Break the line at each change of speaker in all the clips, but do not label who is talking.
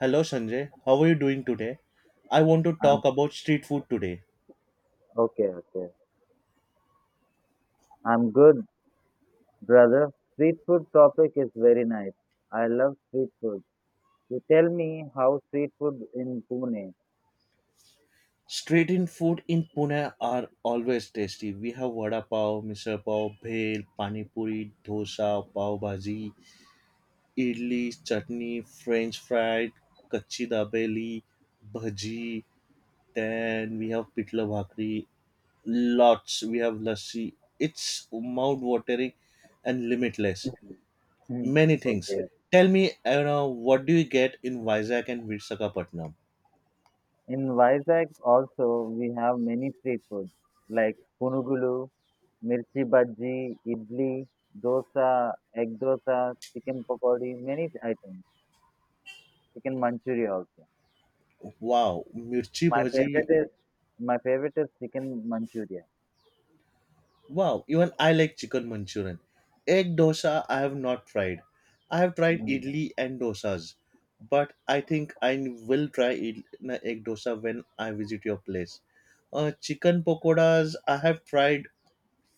Hello Sanjay, how are you doing today? I want to talk
Um,
about street food today.
okay, okay. I'm good, brother. Street food topic is very nice. I love street food. You tell me how street food in Pune.
Street in food in Pune are always tasty. We have vada pav, misal pav, bhel, pani puri, dosa, pav bhaji, idli, chutney, french fried, kachi dabeli, bhaji. Then we have pitla bhakri. Lots. We have lassi. It's mouth watering and limitless.
Hmm,
Many things.
okay.
Tell me, what do you get in Vizag and Visakhapatnam?
In Vizag also we have many street foods like punugulu, mirchi bhaji, idli, dosa, egg dosa, chicken pakodi, many items. Chicken manchuria also.
Wow, mirchi
My
bhaji.
favorite is my favorite is chicken manchuria.
Wow, even I like chicken Manchurian. Egg dosa I have not tried. I have tried
Mm.
idli and dosas, but I think I will try id- na egg dosa when I visit your place. Chicken pakoras I have tried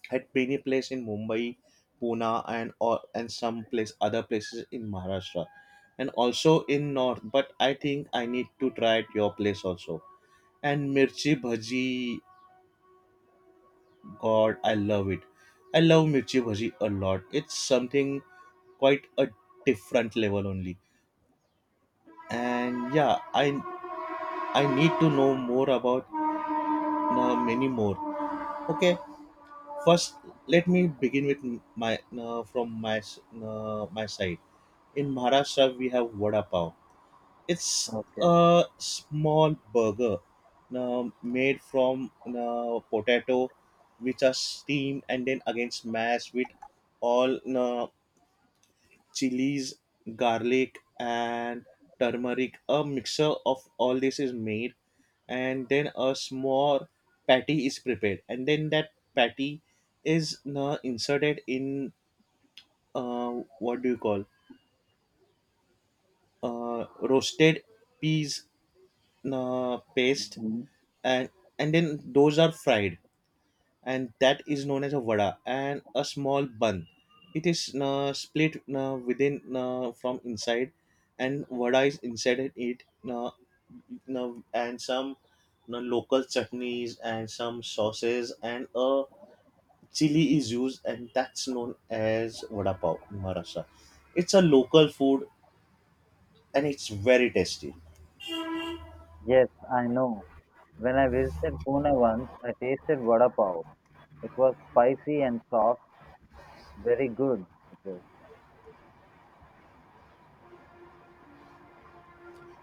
at many places in Mumbai, Pune, and some place other places in Maharashtra, and also in North. But I think I need to try at your place also. And mirchi bhaji, God, I love it. I love mirchi bhaji a lot. It's something quite a different level only. And yeah, I need to know more about many more. Okay, first let me begin with my from my s- my side. In Maharashtra we have vada pav. It's
Okay.
a small burger made from potato, which are steamed and then again smashed with all chilies, garlic, and turmeric. A mixture of all this is made, and then a small patty is prepared, and then that patty is inserted in what do you call roasted peas paste, and and then those are fried, and that is known as a vada. And a small bun, it is split within from inside, and vada is inside it, uh, and some local chutneys and some sauces and a chili is used, and that's known as vada pav in Maharashtra. It's a local food, and it's very tasty.
Yes, I know. When I visited Pune once, I tasted vada pav. It was spicy and soft, very good. It was.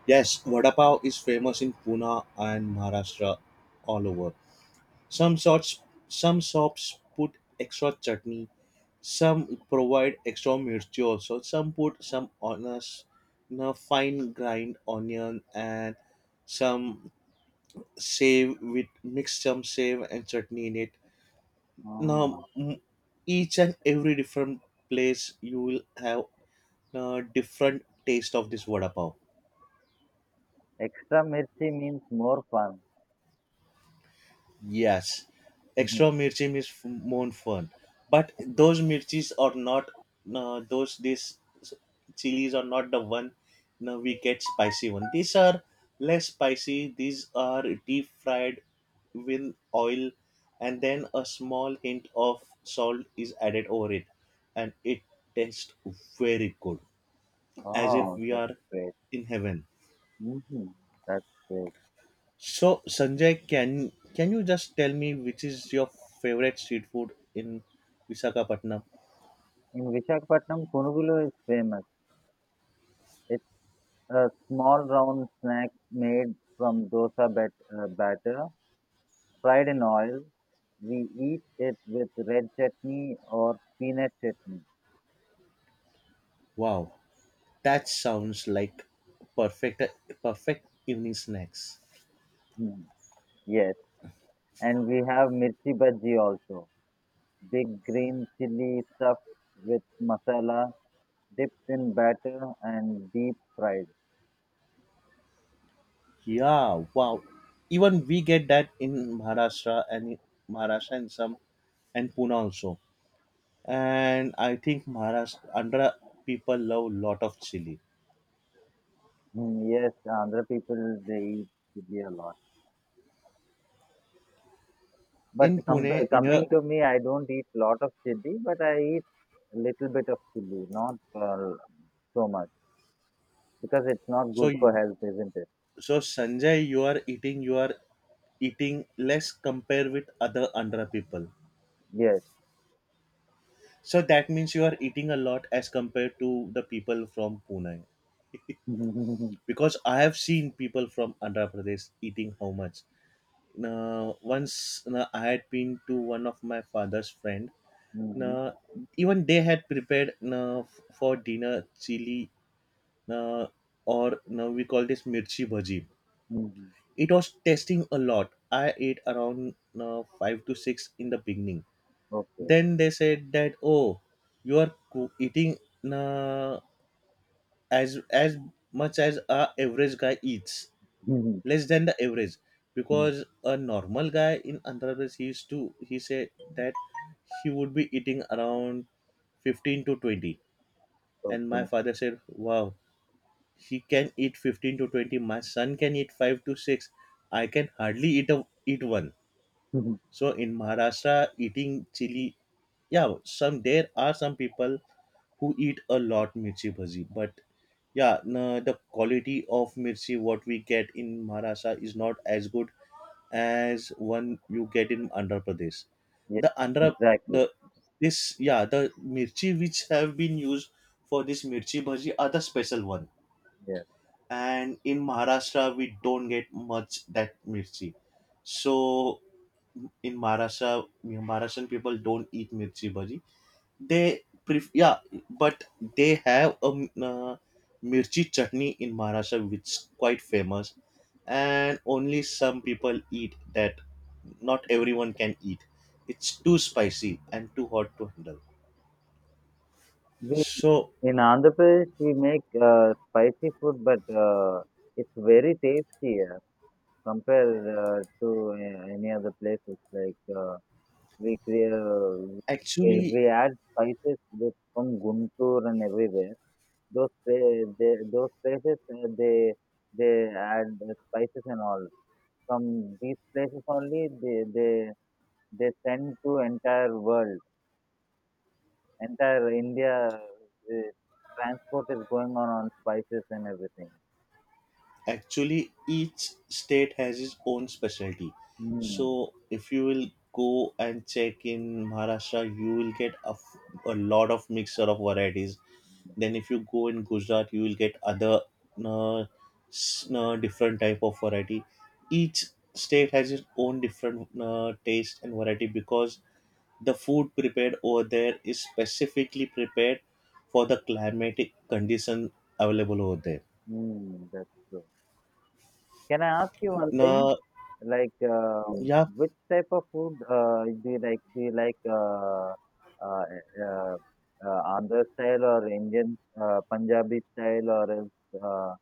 Yes, vada pav is famous in Pune and Maharashtra all over. Some sorts, some shops put extra chutney, some provide extra mirchi also, some put some on a, s- in a fine grind onion and some save with mix some save and chutney in it. Now
Ah.
each and every different place you will have a different taste of this vada pav.
Extra mirchi means more fun.
Yes, extra mirchi is more fun, but those mirchis are not. No, chilies are not the one. No, we get spicy one. These are less spicy. These are deep fried with oil, and then a small hint of salt is added over it, and it tastes very good, as if
Oh,
we
that's
are
great.
in heaven.
Hmm. That's great.
So, Sanjay, can you just tell me which is your favorite street food in Visakhapatnam?
In Visakhapatnam, punugulu is famous. It's a small round snack made from dosa batter, fried in oil. We eat it with red chutney or peanut chutney.
Wow, that sounds like perfect perfect evening snacks.
Hmm. Yes, and we have mirchi bhaji also. Big green chili stuffed with masala, dipped in batter and deep fried.
Yeah, wow. Even we get that in Maharashtra, and in Maharashtra and some and Pune also. And I think Maharashtra, Andhra people love lot of chili.
Hmm. Yes, Andhra people they eat chili a lot. But
In Pune, near.
coming to me, I don't eat lot of chili, but I eat little bit of chili, not so much, because it's not
so
good for health, isn't it?
so Sanjay, you are eating your eating less compare with other Andhra people,
Yes.
so that means you are eating a lot as compared to the people from Pune, because I have seen people from Andhra Pradesh eating how much. Now, once, now I had been to one of my father's friend. Now,
Mhm.
even they had prepared, now, for dinner chili, now, or now we call this mirchi bhaji.
Mhm. Mhm.
It was tasting a lot. I ate around, now, 5 to 6 in the beginning.
Okay.
Then they said that, oh, you are eating, uh, as much as a average guy eats,
Mhm.
less than the average,
Mhm.
because a normal guy in Andhra Pradesh he used to... he said that he would be eating around 15 to 20. And my
Okay.
father said wow, he can eat 15 to 20, my son can eat 5 to 6, I can hardly eat eat one. So in Maharashtra, eating chili, yeah, some there are some people who eat a lot mirchi bhaji, but yeah, no, the quality of mirchi what we get in Maharashtra is not as good as one you get in Andhra Pradesh.
Yes,
The Andhra
exactly.
the this yeah, the mirchi which have been used for this mirchi bhaji are the special one,
Yes.
and in Maharashtra we don't get much that mirchi. So in Maharashtra, you Maharashtrian people don't eat mirchi bhaji. They yeah, but they have a mirchi chutney in Maharashtra, which is quite famous, and only some people eat that. Not everyone can eat. It's too spicy and too hot to handle.
We
So
in Andhra Pradesh we make spicy food, but it's very tasty, compared to any other places. Like, we create, we
actually,
we add spices from Guntur and everywhere. Those places, they add the spices and all. From these places only they send to entire world. Entire India, transport is going on spices and everything.
Each state has its own specialty.
Mm,
So, if you will go and check in Maharashtra, you will get a, a lot of mixture of varieties. Then, if you go in Gujarat, you will get other uh, different type of variety. Each state has its own different taste and variety, because the food prepared over there is specifically prepared for the climatic condition available over there.
mm, that's true. Can I ask you one thing?
Now,
Like,
yeah,
which type of food do you like? Do you like, uh, uh, Andhra style, or Indian, Punjabi style, or else,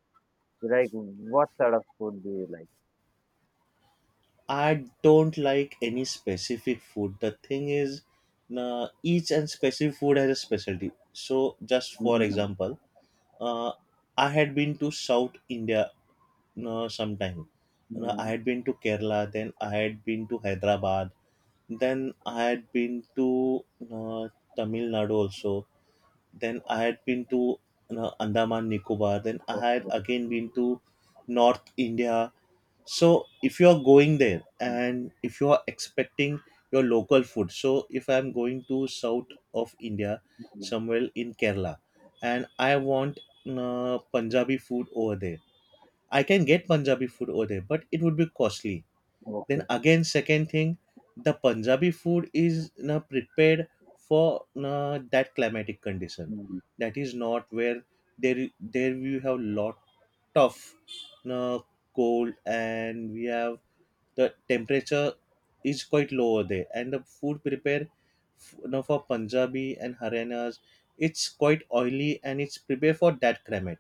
you like, what sort of food do you like?
I don't like any specific food. The thing is, each and specific food has a specialty. So, just for
Mm,
example, uh, I had been to South India sometime. And I had
mm,
been to Kerala, then I had been to Hyderabad, then I had been to uh, Tamil Nadu also, then I had been to Andaman Nicobar, then I had
okay,
again been to North India. So if you are going there and if you are expecting your local food, so if I'm going to south of India,
mm,
somewhere in Kerala, and I want Punjabi food over there, I can get Punjabi food over there, but it would be costly. Then
okay.
again, second thing, the Punjabi food is na prepared for na that climatic condition.
Mm.
That is not where, there we have lot of na cold, and we have the temperature is quite lower there, and the food prepared now for Punjabi and Harianas, it's quite oily and it's prepared for that climate.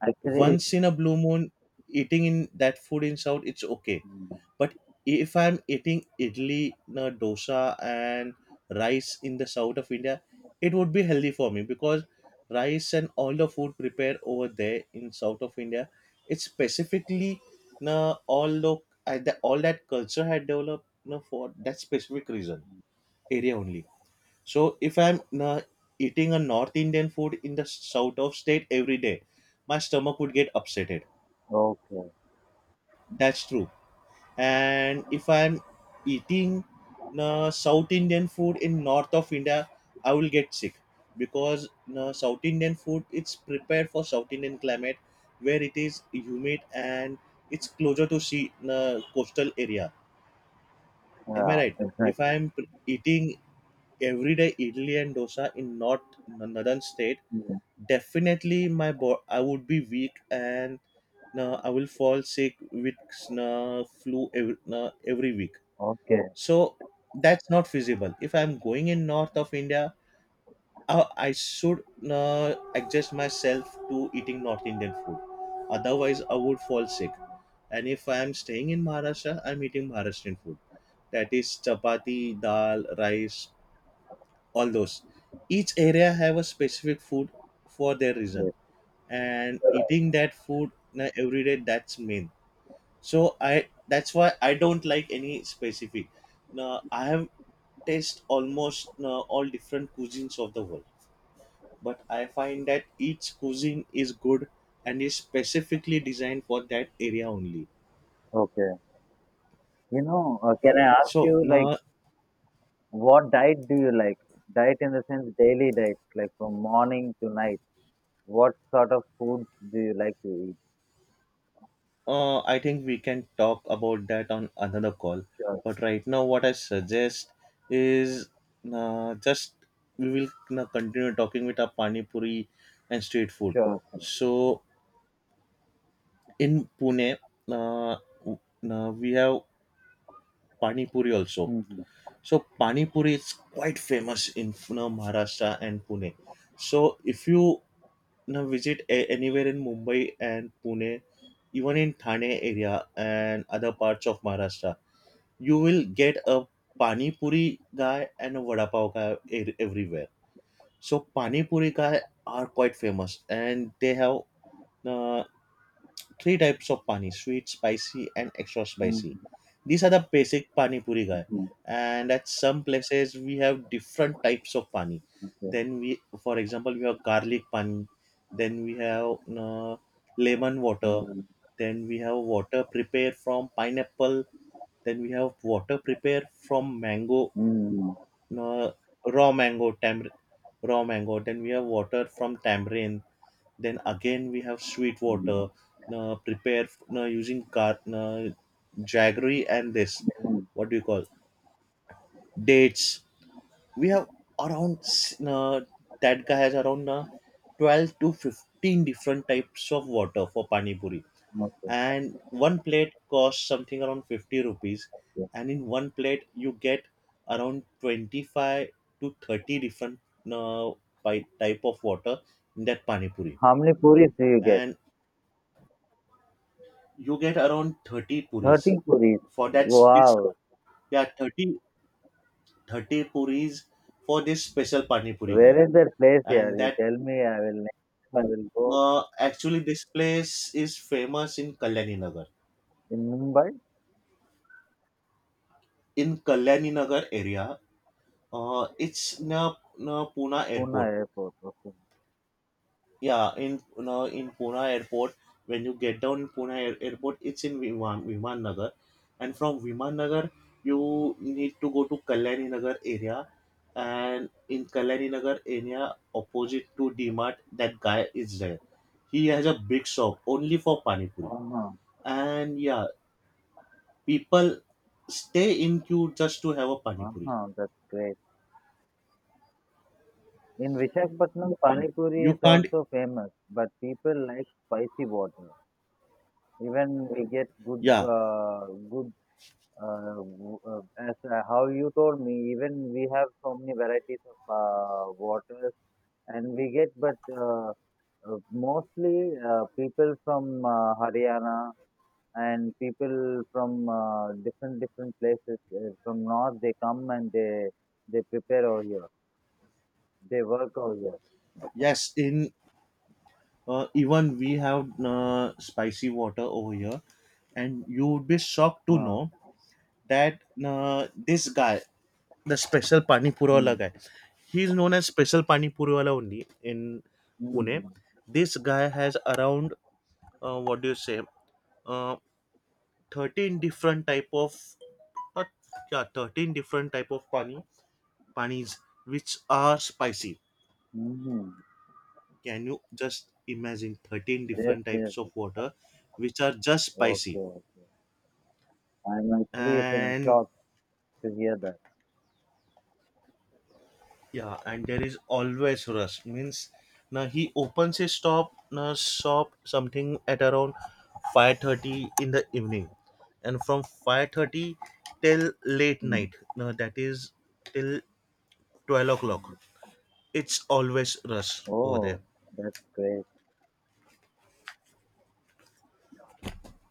Actually,
Once in a blue moon, eating in that food in south, it's okay,
mm,
but if I'm eating idli, na dosa, and rice in the south of India, it would be healthy for me because rice and all the food prepared over there in south of India, it's specifically na all look at the all that culture had developed na for that specific reason area only. So if I'm na eating a North Indian food in the south of state every day, my stomach would get upsetted.
okay.
That's true. And if I'm eating South Indian food in north of India, I will get sick, because South Indian food, it's prepared for South Indian climate, where it is humid and it's closer to sea, coastal area. Am I
Yeah,
right? If
exactly.
I'm eating everyday idli and dosa in north northern state,
Yeah.
definitely my I would be weak and, no, I will fall sick with flu every week.
Okay.
So that's not feasible. If I'm going in north of India, I should adjust myself to eating North Indian food, otherwise I would fall sick. And if I am staying in Maharashtra, I'm eating Maharashtrian food, that is chapati, dal, rice, all those. Each area have a specific food for their reason,
Yes.
and eating that food na every day, that's main. So I, that's why I don't like any specific. Now I have taste almost all different cuisines of the world, but I find that each cuisine is good and is specifically designed for that area only.
Okay. Can I ask
So
you, like,
now,
what diet do you like? Diet in the sense daily diet, like from morning to night. What sort of foods do you like to eat?
I think we can talk about that on another call.
Sure.
But right now, what I suggest is, just we will continue talking with our pani puri and street food.
Sure, sure.
So in Pune, uh, w- we have pani puri also.
Mm-hmm.
So pani puri is quite famous in, Maharashtra and Pune. So if you, visit anywhere in Mumbai and Pune, even in Thane area and other parts of Maharashtra, you will get a pani puri guy and a vada pav guy everywhere. So pani puri guy are quite famous, and they have uh, three types of pani: sweet, spicy, and extra spicy.
Mm-hmm.
These are the basic pani puri guy,
Hmm.
and at some places we have different types of pani.
Okay.
Then we, for example, we have garlic pani, then we have uh, lemon water,
Mm-hmm.
then we have water prepared from pineapple, then we have water prepared from mango,
Mm-hmm.
uh, raw mango tam raw mango, then we have water from tamarind, then again we have sweet water,
Mm-hmm.
prepared using jaggery and this, what do you call, dates. We have around s- uh, that guy has around 12 to 15 different types of water for pani puri,
Okay.
and one plate costs something around 50 rupees,
Yeah.
and in one plate you get around 25 to 30 different uh, type of water in that pani puri,
How many puris do you get?
and you get around 30
30
puris
puris.
for this.
Wow.
Yeah, thirty puris for this special pani puri guy.
Where is that place
And
here? You
that
tell me, I will next time I will go
Actually, this place is famous
in Mumbai,
in kalyani nagar area. It's near pune
Pune
airport.
airport. Okay.
Yeah, in Pune airport, when you get down in airport, it's in Viman Nagar, and from Viman Nagar, you need to go to Kalyani Nagar area, and in Kalyani Nagar area, opposite to D Mart, that guy is there. He has a big shop only for pani puri,
Uh-huh,
and yeah, people stay in queue just to have a pani puri.
uh-huh, that's great. In Vishakhapatnam, Pani Puri
You
is
can't.
also famous, but people like spicy water. Even we get good,
Yeah,
uh, good, uh, w- uh, as how you told me, even we have so many varieties of waters, and but mostly people from Haryana, and people from different different places from north, they come and they prepare over here. They work out there.
yes, in even we have spicy water over here, and you would be shocked to
Huh.
know that this guy, the special pani puri wala
Hmm.
guy, he is known as special pani puri wala only in Pune.
Mm-hmm.
This guy has around, what do you say, uh, 13 different type of, uh, yeah, 13 different type of panis which are spicy.
Mm-hmm.
Can you just imagine 13
Yes,
different
yes,
types
yes.
of water which are just spicy?
Okay, okay. I'm actually
and
shocked to hear that.
yeah and there is always rush, means now he opens his shop, now shop something at around 5:30 in the evening, and from 5:30 till late
Mm.
night, now that is till 12 o'clock,
Mm.
it's always rush over there.
Oh, that's great.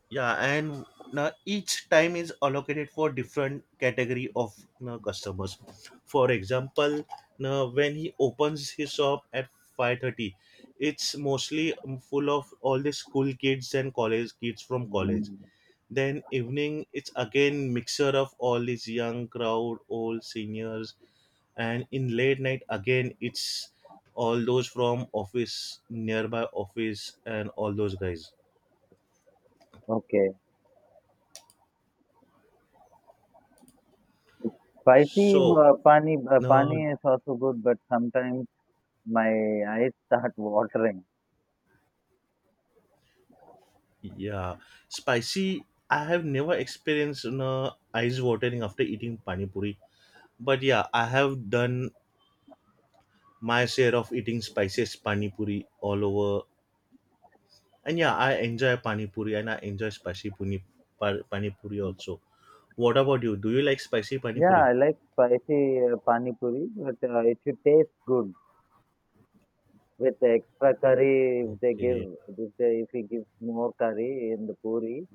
Yeah, and now each time is allocated for different category of now customers. For example, now when he opens his shop at 5:30, it's mostly full of all the school kids and college kids from college.
Mm.
Then evening, it's again mixture of all these young crowd, old seniors, and in late night again it's all those from office, nearby office, and all those guys
Okay. Spicy,
so
pani, uh,
now.
pani is also good, but sometimes my eyes start watering.
Yeah, spicy. I have never experienced, eyes watering after eating pani puri, but yeah, I have done my share of eating spiciest pani puri all over. And yeah, I enjoy pani puri and I enjoy pani puri also. What about you? Do you like spicy pani
Yeah,
puri?
I like spicy, pani puri, but it should taste good with the extra curry if they give
Okay,
if they if he gives more curry in the puri,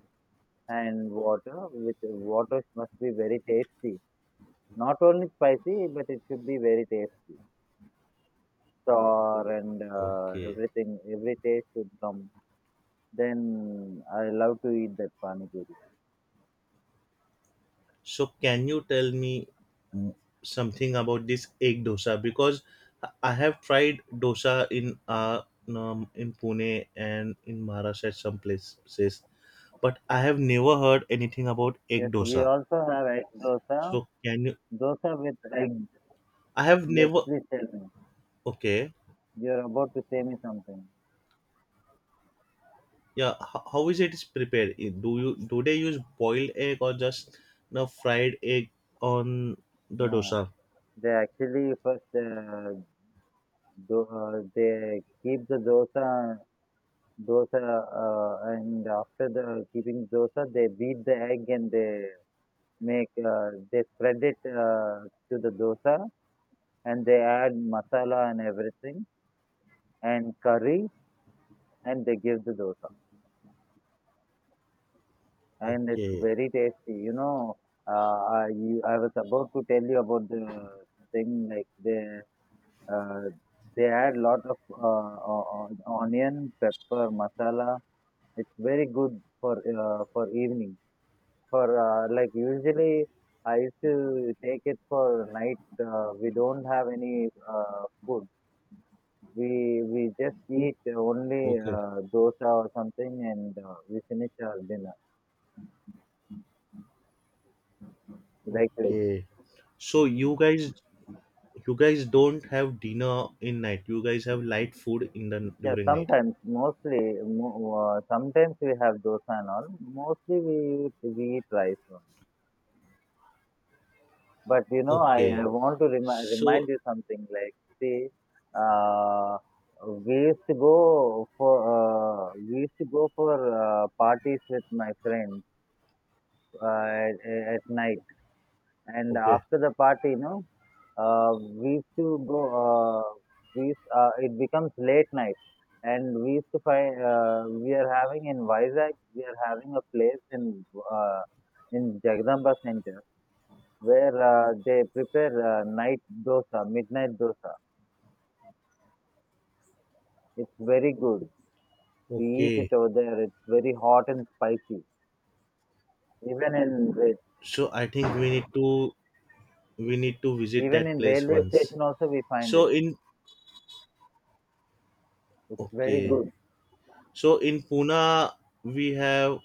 and water, with water must be very tasty, not only spicy but it should be very tasty, sour, and
okay.
everything, every taste should come. Then I love to eat that pani puri.
So can you tell me, mm, something about this egg dosa? Because I have tried dosa in Pune and in Maharashtra at some places, but I have never heard anything about egg
Yes, we
dosa.
also have egg dosa.
So can you?
Dosa with egg.
I have
Yes,
never.
please tell me,
Okay,
you're about to say me something.
yeah. How is it is prepared? Do they use boiled egg, or just no fried egg on the
No,
dosa?
they actually first, they keep the dosa and after the keeping dosa they beat the egg, and they spread it to the dosa, and they add masala and everything and curry, and they give the dosa, and it's
Okay,
very tasty. I, I was about to tell you about the thing, like uh, they add lot of o- onion pepper masala. It's very good for for evening. For like usually, I used to take it for night. We don't have any food. We just eat only
okay,
dosa or something, and we finish our dinner like this.
okay. So you guys You guys don't have dinner in night. You guys have light food in the
Yeah,
during night.
sometimes we have dosa and all. Mostly we eat rice only. But I
Okay.
want to remind
So
remind you something. Like, see, uh, we used to go for parties with my friends uh, at, at night, and
okay,
after the party, we used to go. Uh, it becomes late night, and we used to find, we are having in Vizag. We are having a place uh, in Jagdamba Center, where they prepare night dosa, midnight dosa. It's very good. We eat
okay.
it over there. It's very hot and spicy. Even in ra-
So I think we need to visit
even
that
in
place
railway
once.
station also we find
So
it.
in
It's very
okay.
good.
So in Pune we have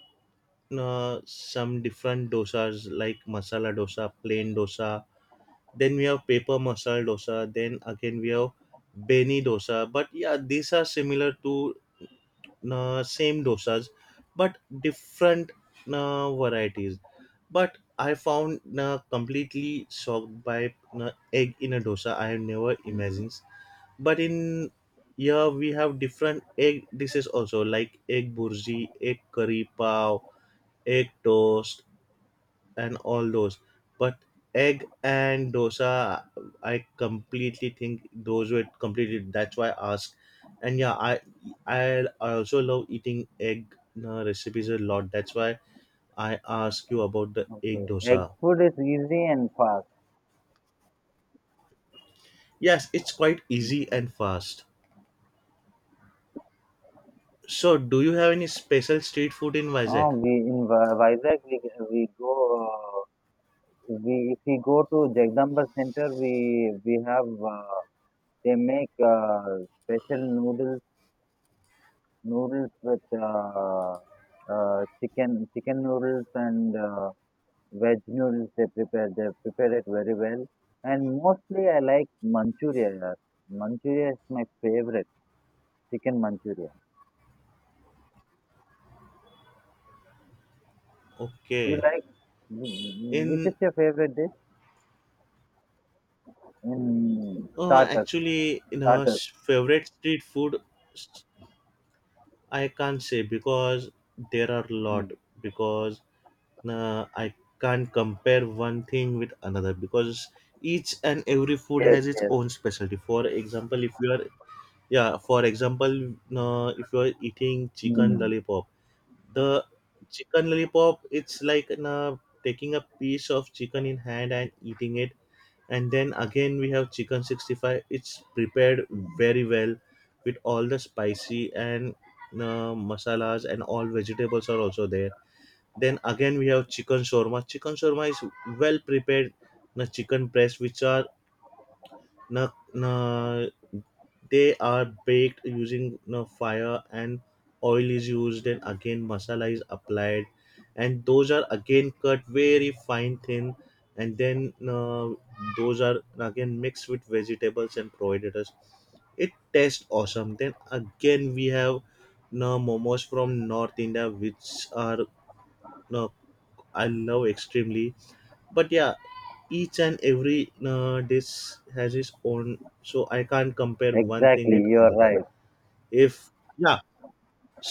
some different dosas, like masala dosa, plain dosa. Then we have paper masala dosa. Then again we have beni dosa. But yeah, these are similar to, same dosas but different, varieties. But I found, completely shocked by, egg in a dosa. I have never imagined,
Mm.
but in here we have different egg dishes also, like egg burji, egg curry pav, egg toast, and all those. But egg and dosa, I completely think those were completely. That's why I asked. And yeah, I also love eating egg, recipes a lot. That's why I ask you about the egg
Okay. Egg
dosa.
food is easy and fast.
Yes, it's quite easy
Mm.
and fast. So, do you have any special street food in
Oh,
Vizag?
we in Vizag we go. Uh, we if we go to Jagdamba Center, we have, they make special noodles with chicken noodles, and veg noodles. They prepare it very well, and mostly I like manchuria, yeah. Manchuria is my favorite, chicken manchuria. You
Okay.
like, which
In
is your favorite dish in starters
Actually, in our
starters
favorite street food, I can't say, because there are a lot.
Mhm.
Because I can't compare one thing with another, because each and every food
Yes,
has its
yes.
own specialty. For example, if you are yeah, for example, if you are eating chicken
Mm.
lollipop, the chicken lollipop, it's like, taking a piece of chicken in hand and eating it. And then again we have chicken 65. It's prepared very well with all the spicy and, masalas, and all vegetables are also there. Then again we have chicken shawarma. Chicken shawarma is well prepared. The chicken breast which are, na, na, they are baked using, fire, and oil is used, and again masala is applied, and those are again cut very fine thin. And then, those are again mixed with vegetables and provided us. It tastes awesome. Then again we have na momos from north india, which are, na, I love extremely. But yeah, each and every dish has its own, so I can't compare one thing
Exactly,
with
you are
another.
right.
If Yeah,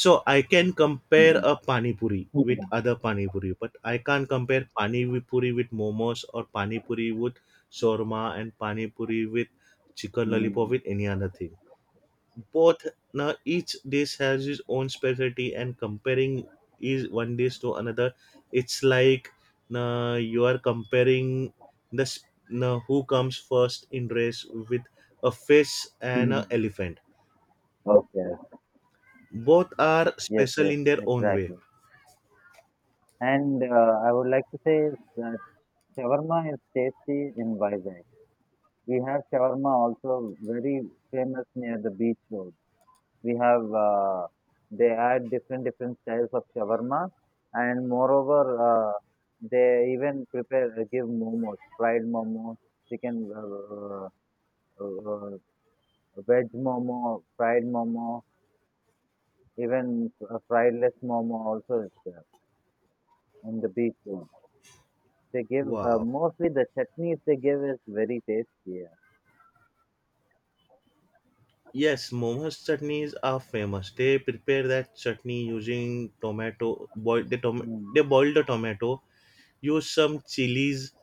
so I can compare
Mhm.
a pani puri with other pani puri, but I can't compare puri with momos, or pani puri with shawarma, and pani puri with chicken lollipop
Mhm.
with any other thing. Both Now each dish has its own specialty, and comparing is one dish to another. It's like, now you are comparing, now who comes first in race with a fish and an
Mhm.
elephant.
Okay.
Both are
Yes,
special
yes,
in their own way.
exactly. And I would like to say that shawarma is tasty in Vizag. We have shawarma also very famous near the beach road. We have They add different different styles of shawarma, and moreover they even prepare give momos, fried momos, chicken uh, veg momo, fried momo, even friedless momo also is there in the beach road. They give,
Wow.
mostly the chutneys they give is very tasty. Yeah.
Yes, momos chutneys are famous. They prepare that chutney using tomato.
Mm.
They boil the tomato, use some chilies,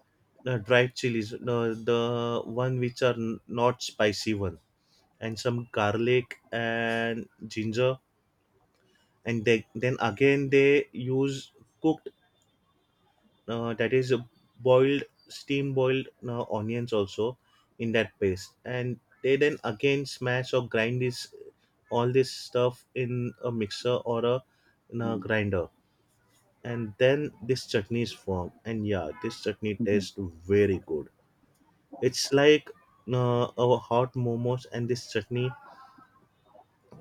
dried chilies. No, the one which are, not spicy one, and some garlic and ginger. And then again they use cooked, that is, boiled, steam boiled, onions also in that paste, and they then again smash or grind this, all this stuff in a mixer or in a
Mm.
grinder. And then this chutney is formed. And yeah, this chutney tastes very good. It's like, a hot momos and this chutney.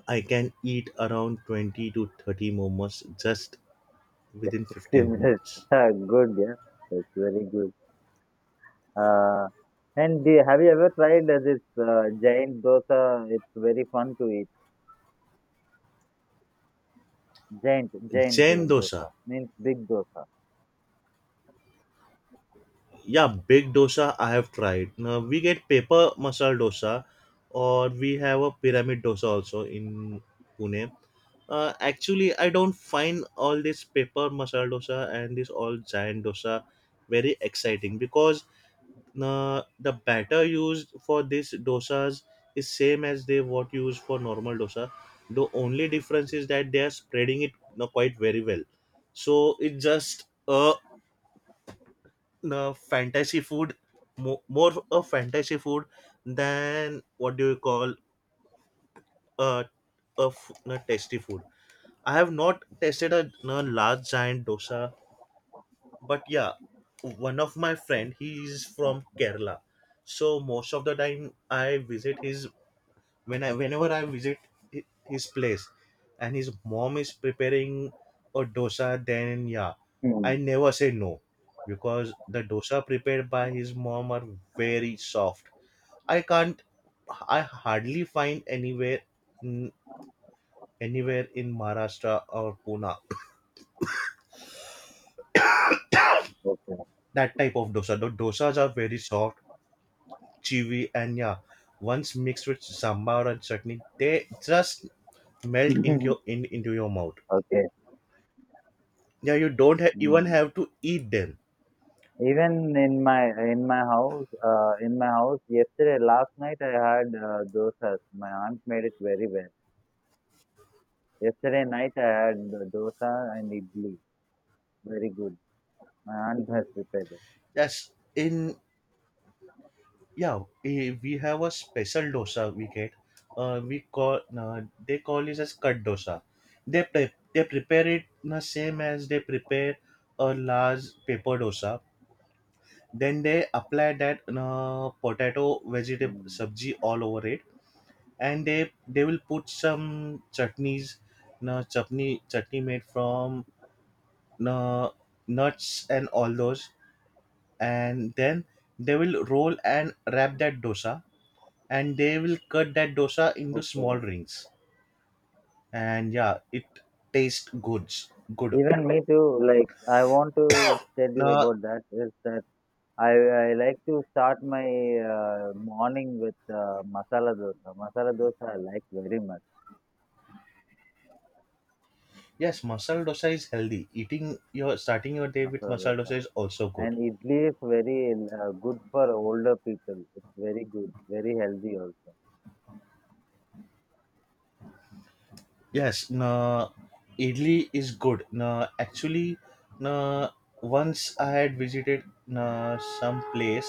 I can eat around 20 to 30 momos just
Just
within 15
15 minutes.
minutes.
Ah, good. Yeah, that's very good. Uh, and have you ever tried this giant dosa? It's very fun to eat. Giant, giant
Jain
do-
dosa.
dosa means big dosa.
Yeah, big dosa I have tried. Now we get paper masala dosa, or we have a pyramid dosa also in Pune. Actually, I don't find all this paper masala dosa and this all giant dosa very exciting, because the batter used for this dosas is same as they what used for normal dosa. The only difference is that they are spreading it you quite very well, so it's just a you fantasy food, more a fantasy food than, what do you call, a, tasty food. I have not tasted a you large giant dosa, but yeah, one of my friend, he is from kerala. So most of the time, I visit his when I whenever I visit his place, and his mom is preparing a dosa, then yeah, I
Mm.
never say no, because the dosa prepared by his mom are very soft. I can't, I hardly find anywhere, in- anywhere in Maharashtra or Pune,
Okay.
that type of dosa. The dosas are very soft, chewy, and yeah, once mixed with sambar and chutney, they just melt into your mouth.
Okay.
Yeah, you don't even
Mm.
have to eat them.
Even in my in my house yesterday, last night I had dosas. My aunt made it very well. Yesterday night I had dosa and idli. Very good. My aunt has prepared it.
That's in Yeah, we have a special dosa we get, we call they call it as cut dosa. They they prepare it the same as they prepare a large paper dosa, then they apply that, potato vegetable
Mm.
sabji all over it, and they will put some chutneys, na chutney, chutney made from na nuts and all those. And then they will roll and wrap that dosa, and they will cut that dosa into small
Okay.
rings. And yeah, it tastes good.
Even me too. Like, I want to tell you
Now
about that is that I I like to start my morning with masala dosa. Masala dosa I like very much.
Yes, masala dosa is healthy. Eating your, starting your day with
Masala
masala
dosa
dosa is also
and
good.
idli is very good for older people. It's very good, very healthy also.
Yes, now idli is good. Now Actually, now once I had visited now some place,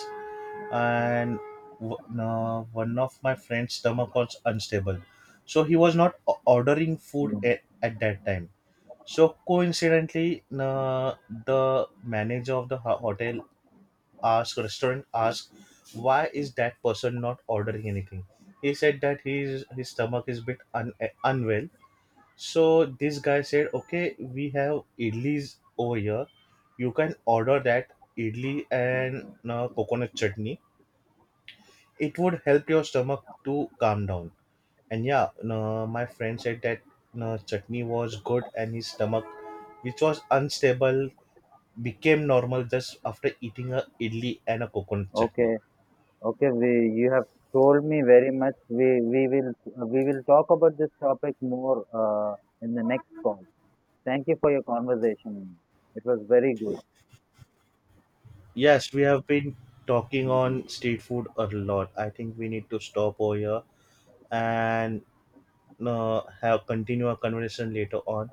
and one of my friend's stomach was unstable, so he was not ordering food
Mm.
at that time. So coincidentally, the manager of the hotel asked, restaurant asked, why is that person not ordering anything. He said that his stomach is bit unwell. So this guy said, okay, we have idlis over here, you can order that, idli and, coconut chutney. It would help your stomach to calm down. And yeah, no, my friend said that, no, chutney was good, and his stomach, which was unstable, became normal just after eating a idli and a coconut chutney.
Okay. Okay, we you have told me very much. We will talk about this topic more, in the next call. Thank you for your conversation. It was very good.
Yes, we have been talking
Mm,
on street food a lot. I think we need to stop over here, and, no, have continue our conversation later on.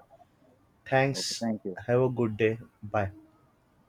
okay,
Thanks.
thank you.
Have a good day. Bye.